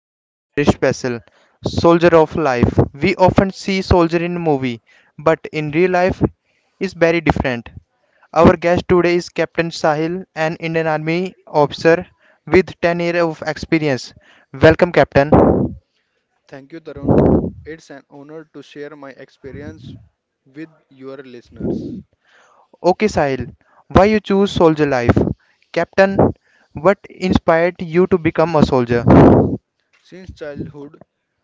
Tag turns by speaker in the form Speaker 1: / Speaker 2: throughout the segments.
Speaker 1: topic is very special Soldier of Life. We often see soldier in movie, but in real life is very different. Our guest today is Captain Sahil, an Indian Army officer with 10 years of experience. Welcome, Captain.
Speaker 2: Thank you, Tarun. It's an honor to share my experience with your listeners.
Speaker 1: Okay, Sahil, why you choose soldier life? Captain, what inspired you to become a soldier?
Speaker 2: Since childhood,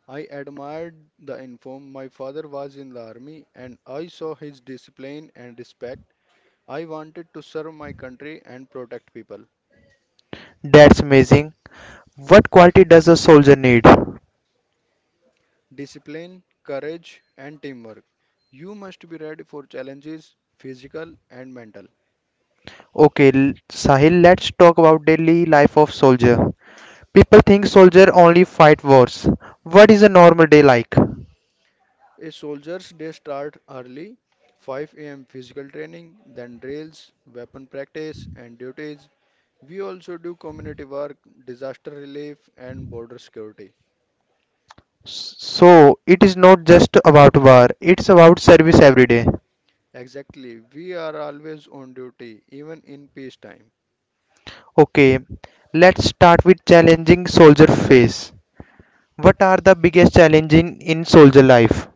Speaker 2: I admired the uniform. My father was in the army and I saw his discipline and respect. I wanted to serve my country and protect people.
Speaker 1: That's amazing. What quality does a soldier need?
Speaker 2: Discipline, courage, and teamwork. You must be ready for challenges, physical and mental.
Speaker 1: Okay, Sahil, let's talk about daily life of soldier. People think soldier only fight wars. What is a normal day like?
Speaker 2: A soldier's day start early, 5 a.m. physical training, then drills, weapon practice, and duties. We also do community work, disaster relief, and border security.
Speaker 1: So, it is not just about war, it's about service every day.
Speaker 2: Exactly, we are always on duty, even in peacetime.
Speaker 1: Okay, let's start with challenging soldier phase. What are the biggest challenges in soldier life?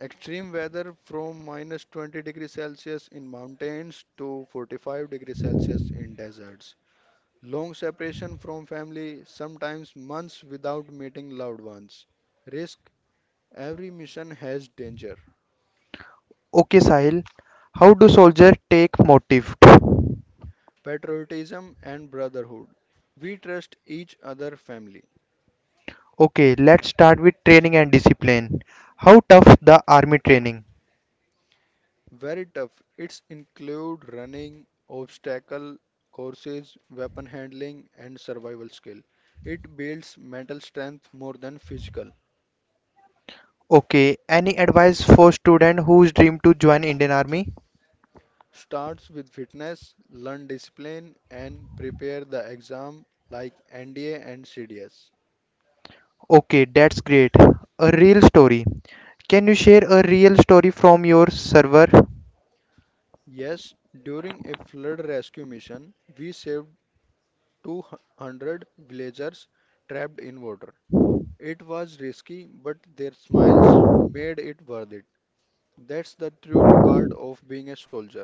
Speaker 2: Extreme weather from minus 20 degrees Celsius in mountains to 45 degrees Celsius in deserts. Long separation from family, sometimes months without meeting loved ones. Risk. Every mission has danger,
Speaker 1: Okay, Sahil, how do soldier take motive?
Speaker 2: patriotism, and brotherhood. We trust each other family.
Speaker 1: Okay, let's start with training and discipline. How tough the army training?
Speaker 2: Very tough. It's include running, obstacle courses, weapon handling, and survival skill. It builds mental strength more than physical.
Speaker 1: Okay, any advice for student whose dream to join Indian Army?
Speaker 2: Starts with fitness, learn discipline, and prepare the exam like NDA and CDS.
Speaker 1: Okay, that's great. A real story. Can you share a real story from your server?
Speaker 2: Yes, during a flood rescue mission, we saved 200 villagers trapped in water. It was risky, but their smiles made it worth it. That's the true reward of being a soldier.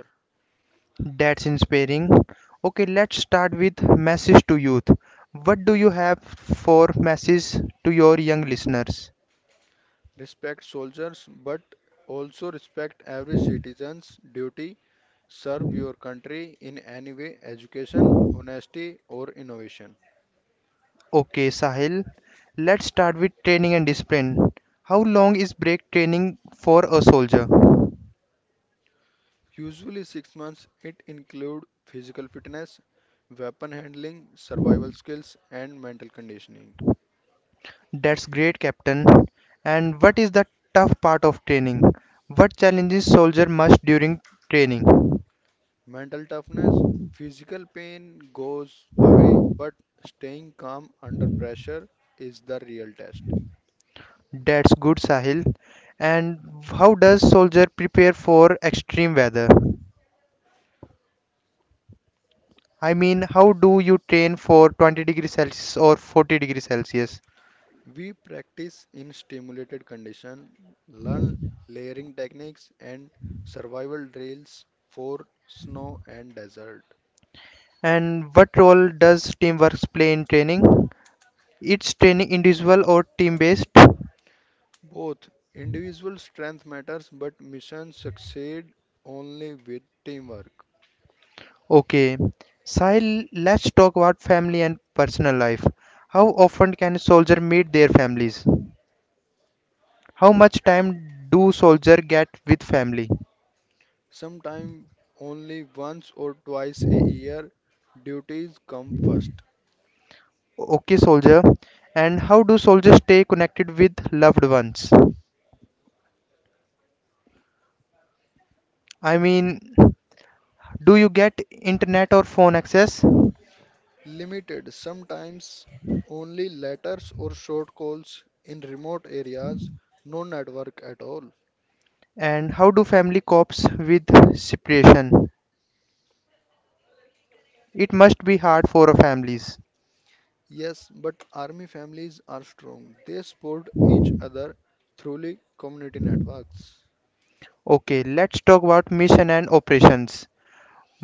Speaker 1: That's inspiring. Okay, let's start with message to youth. What do you have for message to your young listeners?
Speaker 2: Respect soldiers, but also respect every citizen's duty. Serve your country in any way education, honesty, or innovation.
Speaker 1: Okay, Sahil, let's start with training and discipline. How long is break training for a soldier?
Speaker 2: Usually, 6 months it include physical fitness, weapon handling, survival skills, and mental conditioning.
Speaker 1: That's great, Captain. And what is the tough part of training? What challenges soldier must during training?
Speaker 2: Mental toughness, physical pain goes away, but staying calm under pressure is the real test.
Speaker 1: That's good, Sahil. And how does soldier prepare for extreme weather? I mean, how do you train for 20 degrees Celsius or 40 degrees Celsius?
Speaker 2: We practice in stimulated condition, learn layering techniques and survival drills for snow and desert.
Speaker 1: And what role does teamwork play in training? It's training individual or team based?
Speaker 2: Both individual strength matters, but missions succeed only with teamwork.
Speaker 1: Okay, Sahil, let's talk about family and personal life. How often can soldier meet their families? How much time do soldier get with family?
Speaker 2: Sometimes only once or twice a year duties come first.
Speaker 1: Okay, soldier. And how do soldiers stay connected with loved ones? I mean, do you get internet or phone access?
Speaker 2: Limited, sometimes only letters or short calls in remote areas, no network at all.
Speaker 1: And how do family copes with separation? It must be hard for families.
Speaker 2: Yes, but army families are strong. They support each other through community networks,
Speaker 1: Okay, let's talk about mission and operations.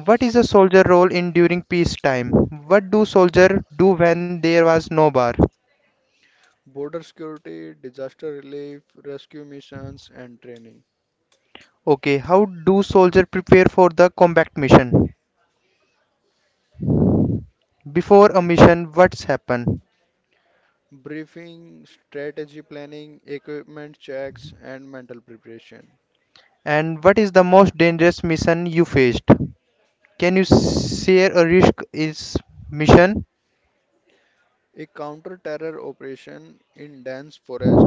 Speaker 1: What is a soldier role in during peacetime? What do soldier do when there was no war?
Speaker 2: border security, disaster relief, rescue missions, and training.
Speaker 1: Okay, how do soldier prepare for the combat mission? Before a mission, what's happened?
Speaker 2: Briefing, strategy planning, equipment checks, and mental preparation.
Speaker 1: And what is the most dangerous mission you faced? Can you share a risk is mission?
Speaker 2: A counter terror operation in dense forest.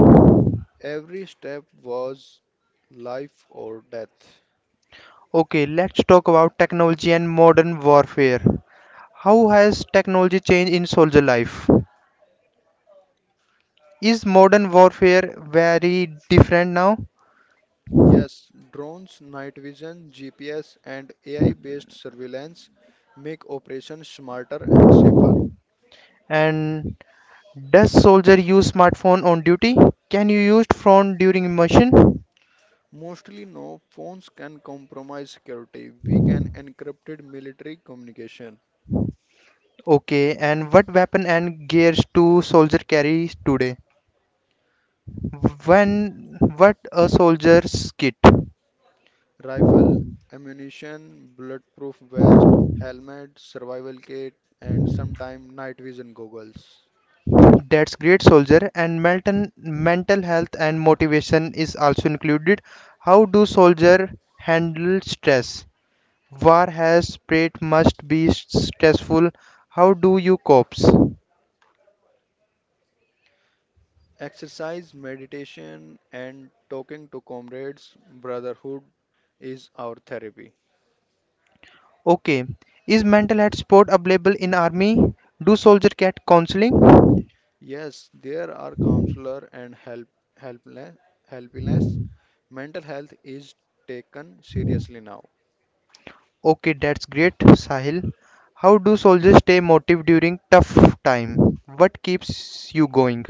Speaker 2: Every step was life or death.
Speaker 1: Okay, let's talk about technology and modern warfare. How has technology changed in soldier life? Is modern warfare very different now?
Speaker 2: Yes, drones, night vision, GPS, and AI based surveillance make operations smarter and safer.
Speaker 1: And does soldier use smartphone on duty? Can you use phone during immersion?
Speaker 2: Mostly, no phones can compromise security. We can encrypted military communication,
Speaker 1: Okay, and what weapon and gears do soldier carry today? When what a soldier's kit?
Speaker 2: rifle, ammunition, bulletproof vest, helmet, survival kit, and sometimes night vision goggles.
Speaker 1: That's great soldier, and mental health and motivation is also included. How do soldier handle stress? War has spread must be stressful. How do you cope?
Speaker 2: Exercise, meditation, and talking to comrades, brotherhood is our therapy.
Speaker 1: Okay. Is mental health support available in army? Do soldier get counseling?
Speaker 2: Yes, there are counselor and help helpless helpless. Mental health is taken seriously now.
Speaker 1: Okay, that's great, Sahil. How do soldiers stay motivated during tough time? What keeps you going?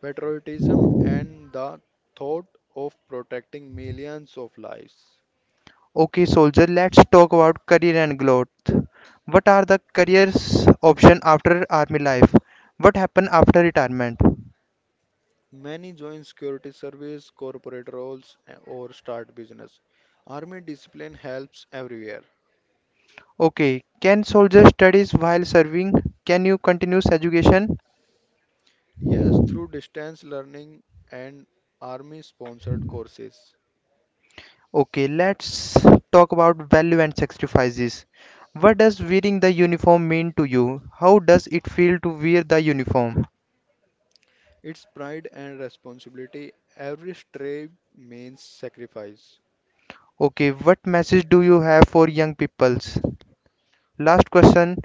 Speaker 2: Patriotism and the thought of protecting millions of lives.
Speaker 1: Okay, soldier, let's talk about career and growth. What are the careers option after army life? What happen after retirement?
Speaker 2: Many join security service, corporate roles, or start business. Army discipline helps everywhere.
Speaker 1: Okay, can soldiers studies while serving? Can you continues education?
Speaker 2: Yes, through distance learning and army sponsored courses.
Speaker 1: Okay, let's talk about value and sacrifices. What does wearing the uniform mean to you? How does it feel to wear the uniform?
Speaker 2: It's pride and responsibility. Every stray means sacrifice.
Speaker 1: Okay, what message do you have for young peoples? Last question,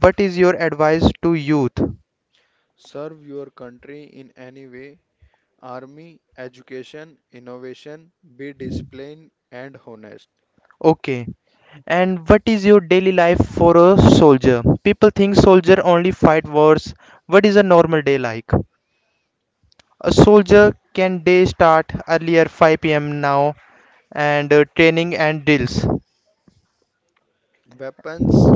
Speaker 1: what is your advice to youth?
Speaker 2: Serve your country in any way army, education, innovation, be disciplined and honest.
Speaker 1: Okay, and what is your daily life for a soldier? People think soldier only fight wars. What is a normal day like? A soldier can day start earlier 5 p.m. now and training and drills.
Speaker 2: Weapons,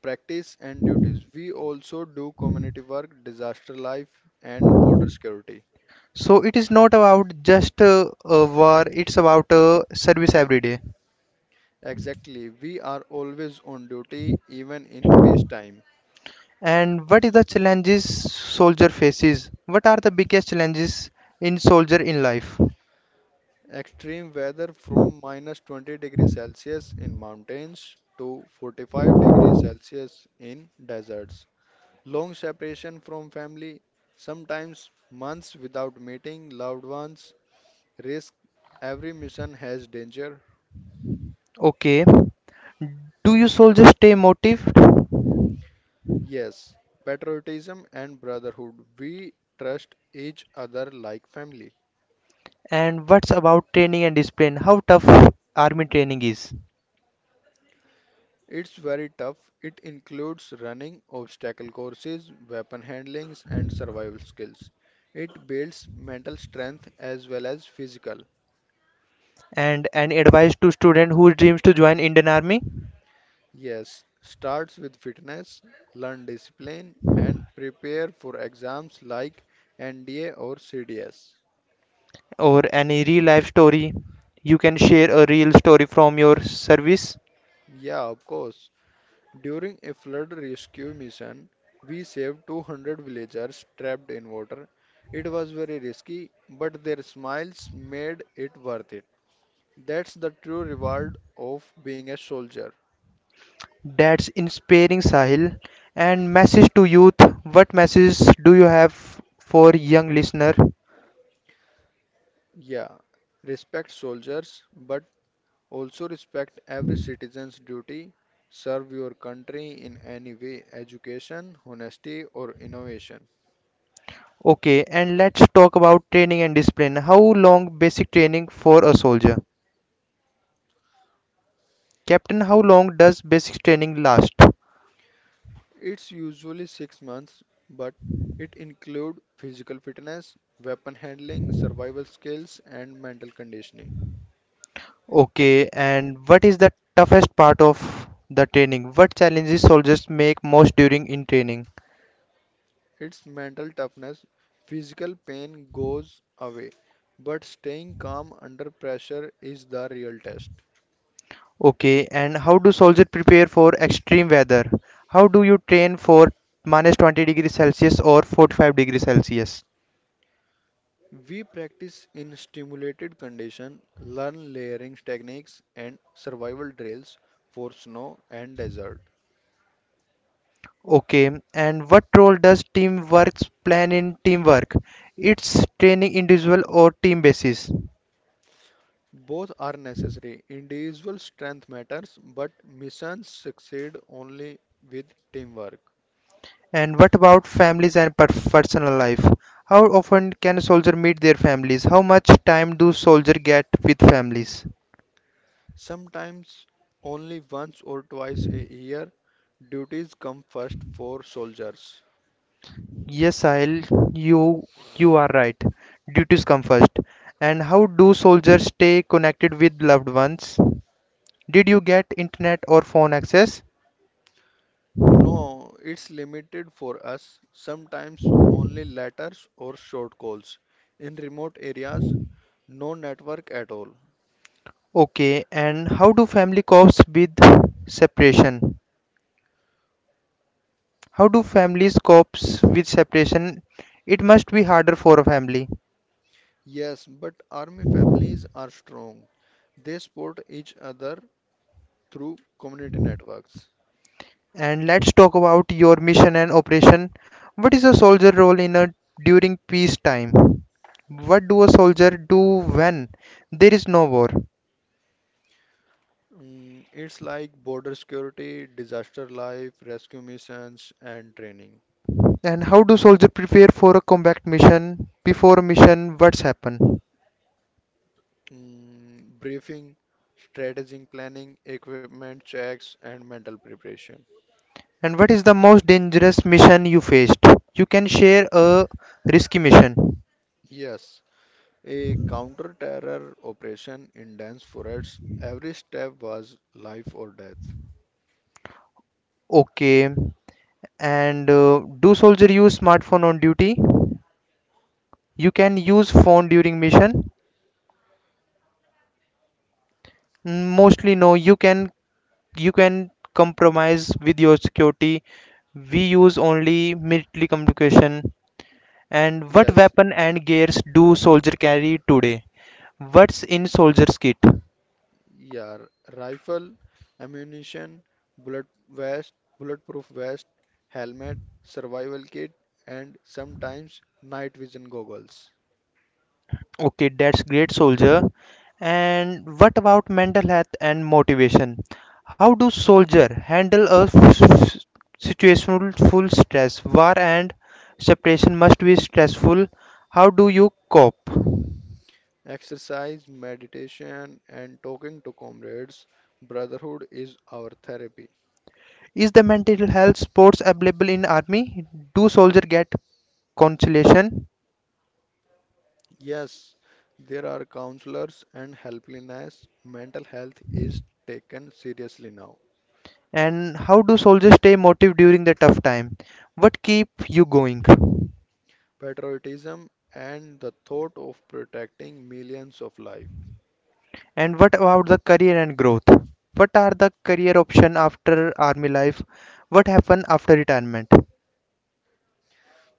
Speaker 2: practice, and duties. We also do community work, disaster life, and border security.
Speaker 1: So it is not about just a war, it's about service every day.
Speaker 2: Exactly, we are always on duty even in peacetime.
Speaker 1: And what is the challenges soldier faces? What are the biggest challenges in soldier in life?
Speaker 2: Extreme weather from minus 20 degrees Celsius in mountains to 45 degrees Celsius in deserts. Long separation from family, sometimes months without meeting loved ones. Risk every mission has danger.
Speaker 1: Okay. Do you soldiers stay motivated?
Speaker 2: Yes, patriotism and brotherhood. We trust each other like family.
Speaker 1: And what's about training and discipline? How tough army training is?
Speaker 2: It's very tough. It includes running, obstacle courses, weapon handlings, and survival skills. It builds mental strength as well as physical.
Speaker 1: And any advice to student who dreams to join Indian Army
Speaker 2: Yes, starts with fitness, learn discipline, and prepare for exams like NDA or CDS.
Speaker 1: or any real life story? You can share a real story from your service.
Speaker 2: Yeah, of course. During a flood rescue mission, we saved 200 villagers trapped in water. It was very risky, but their smiles made it worth it. That's the true reward of being a soldier.
Speaker 1: That's inspiring, Sahil. And message to youth. What messages do you have for young listener?
Speaker 2: Yeah, respect soldiers, but also respect every citizen's duty. Serve your country in any way education, honesty, or innovation.
Speaker 1: Okay, and let's talk about training and discipline. How long basic training for a soldier? Captain, how long does basic training last?
Speaker 2: It's usually 6 months, but it includes physical fitness, weapon handling, survival skills, and mental conditioning.
Speaker 1: Okay, and what is the toughest part of the training? What challenges soldiers make most during in training?
Speaker 2: It's mental toughness. Physical pain goes away, but staying calm under pressure is the real test.
Speaker 1: Okay, and how do soldiers prepare for extreme weather? How do you train for minus 20 degrees Celsius or 45 degrees Celsius?
Speaker 2: We practice in stimulated condition, learn layering techniques and survival drills for snow and desert.
Speaker 1: Okay, and what role does teamwork plan in teamwork? It's training individual or team basis.
Speaker 2: Both are necessary. Individual strength matters, but missions succeed only with teamwork.
Speaker 1: And what about families and personal life? How often can a soldier meet their families? How much time do soldiers get with families?
Speaker 2: Sometimes only once or twice a year, duties come first for soldiers.
Speaker 1: Yes, Sahil, you you are right. Duties come first. And how do soldiers stay connected with loved ones? Did you get internet or phone access?
Speaker 2: No, it's limited for us, sometimes only letters or short calls. In remote areas, no network at all.
Speaker 1: Okay, and how do family copes with separation? How do families copes with separation? It must be harder for a family.
Speaker 2: Yes, but army families are strong. They support each other through community networks.
Speaker 1: And let's talk about your mission and operation. What is a soldier role in a during peacetime? What do a soldier do when there is no war?
Speaker 2: Mm, it's like border security, disaster life, rescue missions, and training.
Speaker 1: And how do soldiers prepare for a combat mission? Before a mission, what's happened?
Speaker 2: Mm, briefing, strategic planning, equipment checks, and mental preparation.
Speaker 1: And what is the most dangerous mission you faced? You can share a risky mission.
Speaker 2: Yes, a counter-terror operation in dense forests, every step was life or death.
Speaker 1: Okay. And do soldier use smartphone on duty? You can use phone during mission. Mm, mostly no. You can compromise with your security. We use only military communication. And what
Speaker 2: Yes.
Speaker 1: weapon and gears do soldier carry today? What's in soldier's kit?
Speaker 2: Yeah, r- Rifle, ammunition, bullet vest, bulletproof vest, helmet, survival kit, and sometimes night vision goggles.
Speaker 1: Okay, that's great, soldier. And what about mental health and motivation? How do soldier handle a situational full stress? War and separation must be stressful. How do you cope?
Speaker 2: Exercise, meditation, and talking to comrades. Brotherhood is our therapy.
Speaker 1: Is the mental health sports available in army? Do soldier get consolation?
Speaker 2: Yes, there are counselors and helplines. Mental health is taken seriously now.
Speaker 1: And how do soldiers stay motivated during the tough time? What keep you going?
Speaker 2: Patriotism and the thought of protecting millions of lives.
Speaker 1: And what about the career and growth? What are the career option after army life? What happen after retirement?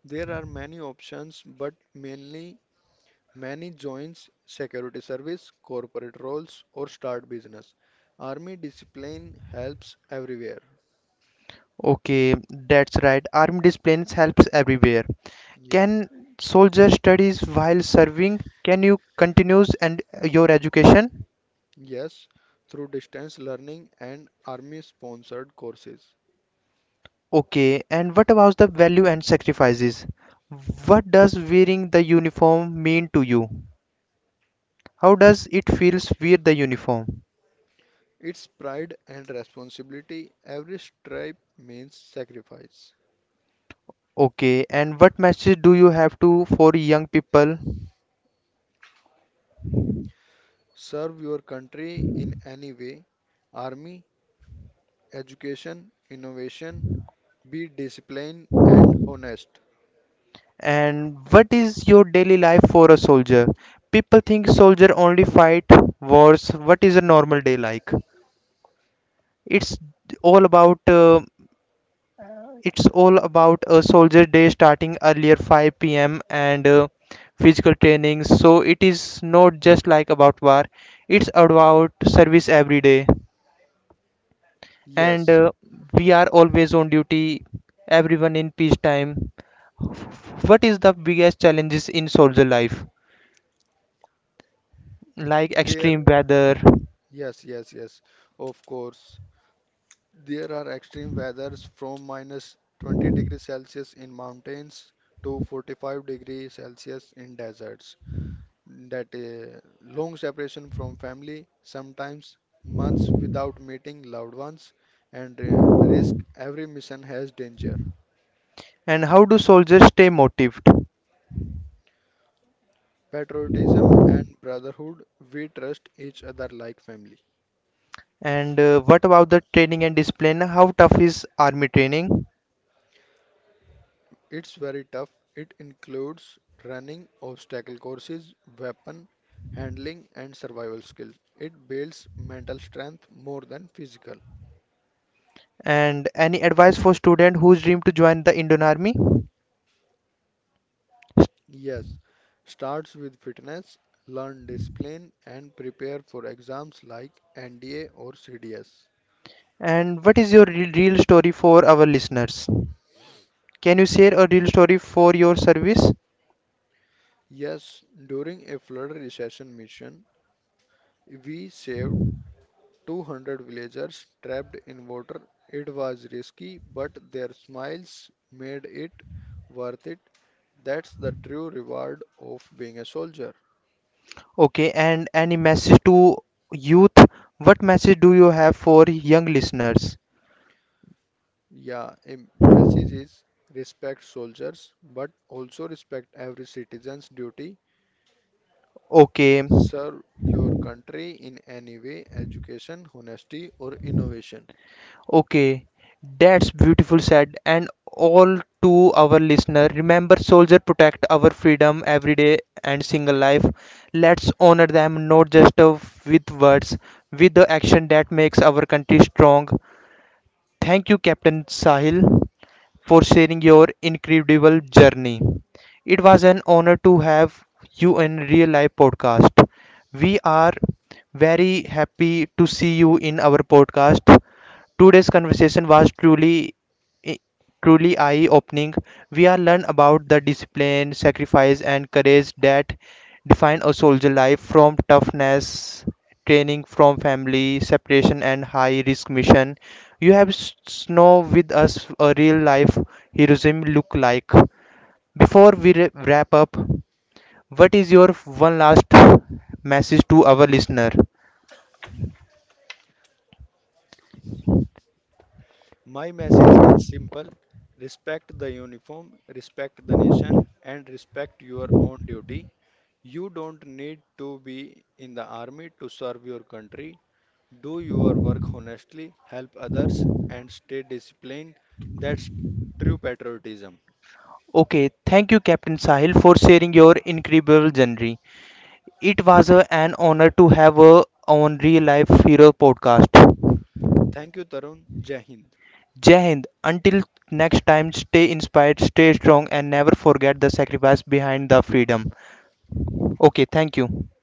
Speaker 2: There are many options, but mainly many joins security service, corporate roles, or start business. Army discipline helps everywhere.
Speaker 1: Okay, that's right. Army disciplines helps everywhere.
Speaker 2: Yeah,
Speaker 1: Can soldier studies while serving? Can you continues and your education?
Speaker 2: yes, through distance learning and army sponsored courses.
Speaker 1: Okay, and what about the value and sacrifices? What does wearing the uniform mean to you? How does it feels wear the uniform?
Speaker 2: It's pride and responsibility. Every stripe means sacrifice.
Speaker 1: Okay, and what message do you have to for young people?
Speaker 2: Serve your country in any way. Army, education, innovation, be disciplined and honest.
Speaker 1: And what is your daily life for a soldier? People think soldier only fight wars. What is a normal day like? It's all about uh, it's all about a soldier day starting earlier 5 p.m. and physical training. So it is not just like about war. It's about service every day. And
Speaker 2: Yes,
Speaker 1: we are always on duty. Everyone in peacetime. What is the biggest challenges in soldier life? Like
Speaker 2: there,
Speaker 1: extreme weather
Speaker 2: yes, yes, yes, of course. There are extreme weathers from minus 20 degrees Celsius in mountains to 45 degrees Celsius in deserts. That long separation from family, sometimes months without meeting loved ones, and risk every mission has danger.
Speaker 1: and how do soldiers stay motivated,
Speaker 2: Patriotism and brotherhood, we trust each other like family.
Speaker 1: and what about the training and discipline? How tough is army training?
Speaker 2: It's very tough. It includes running, obstacle courses, weapon handling, and survival skills. It builds mental strength more than physical.
Speaker 1: And any advice for student whose dream to join the Indian Army,
Speaker 2: Yes, starts with fitness, learn discipline, and prepare for exams like NDA or CDS.
Speaker 1: and what is your real story for our listeners? Can you share a real story for your service?
Speaker 2: Yes, during a flood recession mission, we saved 200 villagers trapped in water. It was risky, but their smiles made it worth it. That's the true reward of being a soldier.
Speaker 1: Okay, and any message to youth? What message do you have for young listeners?
Speaker 2: Yeah, a message is respect soldiers, but also respect every citizen's duty.
Speaker 1: Okay.
Speaker 2: Serve your country in any way, education, honesty, or innovation.
Speaker 1: Okay, that's beautiful said. And all to our listener, remember soldier protect our freedom every day and single life. Let's honor them not just with words, with the action that makes our country strong. Thank you, Captain Sahil, for sharing your incredible journey. It was an honor to have you in Real Life Podcast. We are very happy to see you in our podcast. Today's conversation was i- truly eye-opening. We are learned about the discipline, sacrifice, and courage that define a soldier life from toughness, training from family, separation, and high-risk mission you have snow with us a real life heroism look like. Before we wrap up, what is your one last message to our listener?
Speaker 2: My message is simple respect the uniform, respect the nation, and respect your own duty. You don't need to be in the army to serve your country. Do your work honestly, help others, and stay disciplined. That's true patriotism.
Speaker 1: Okay, thank you, Captain Sahil, for sharing your incredible journey. It was an honor to have a on real life hero podcast.
Speaker 2: Thank you, Tarun. Jai Hind.
Speaker 1: Jai Hind. Until next time, stay inspired, stay strong, and never forget the sacrifice behind the freedom. Okay, thank you.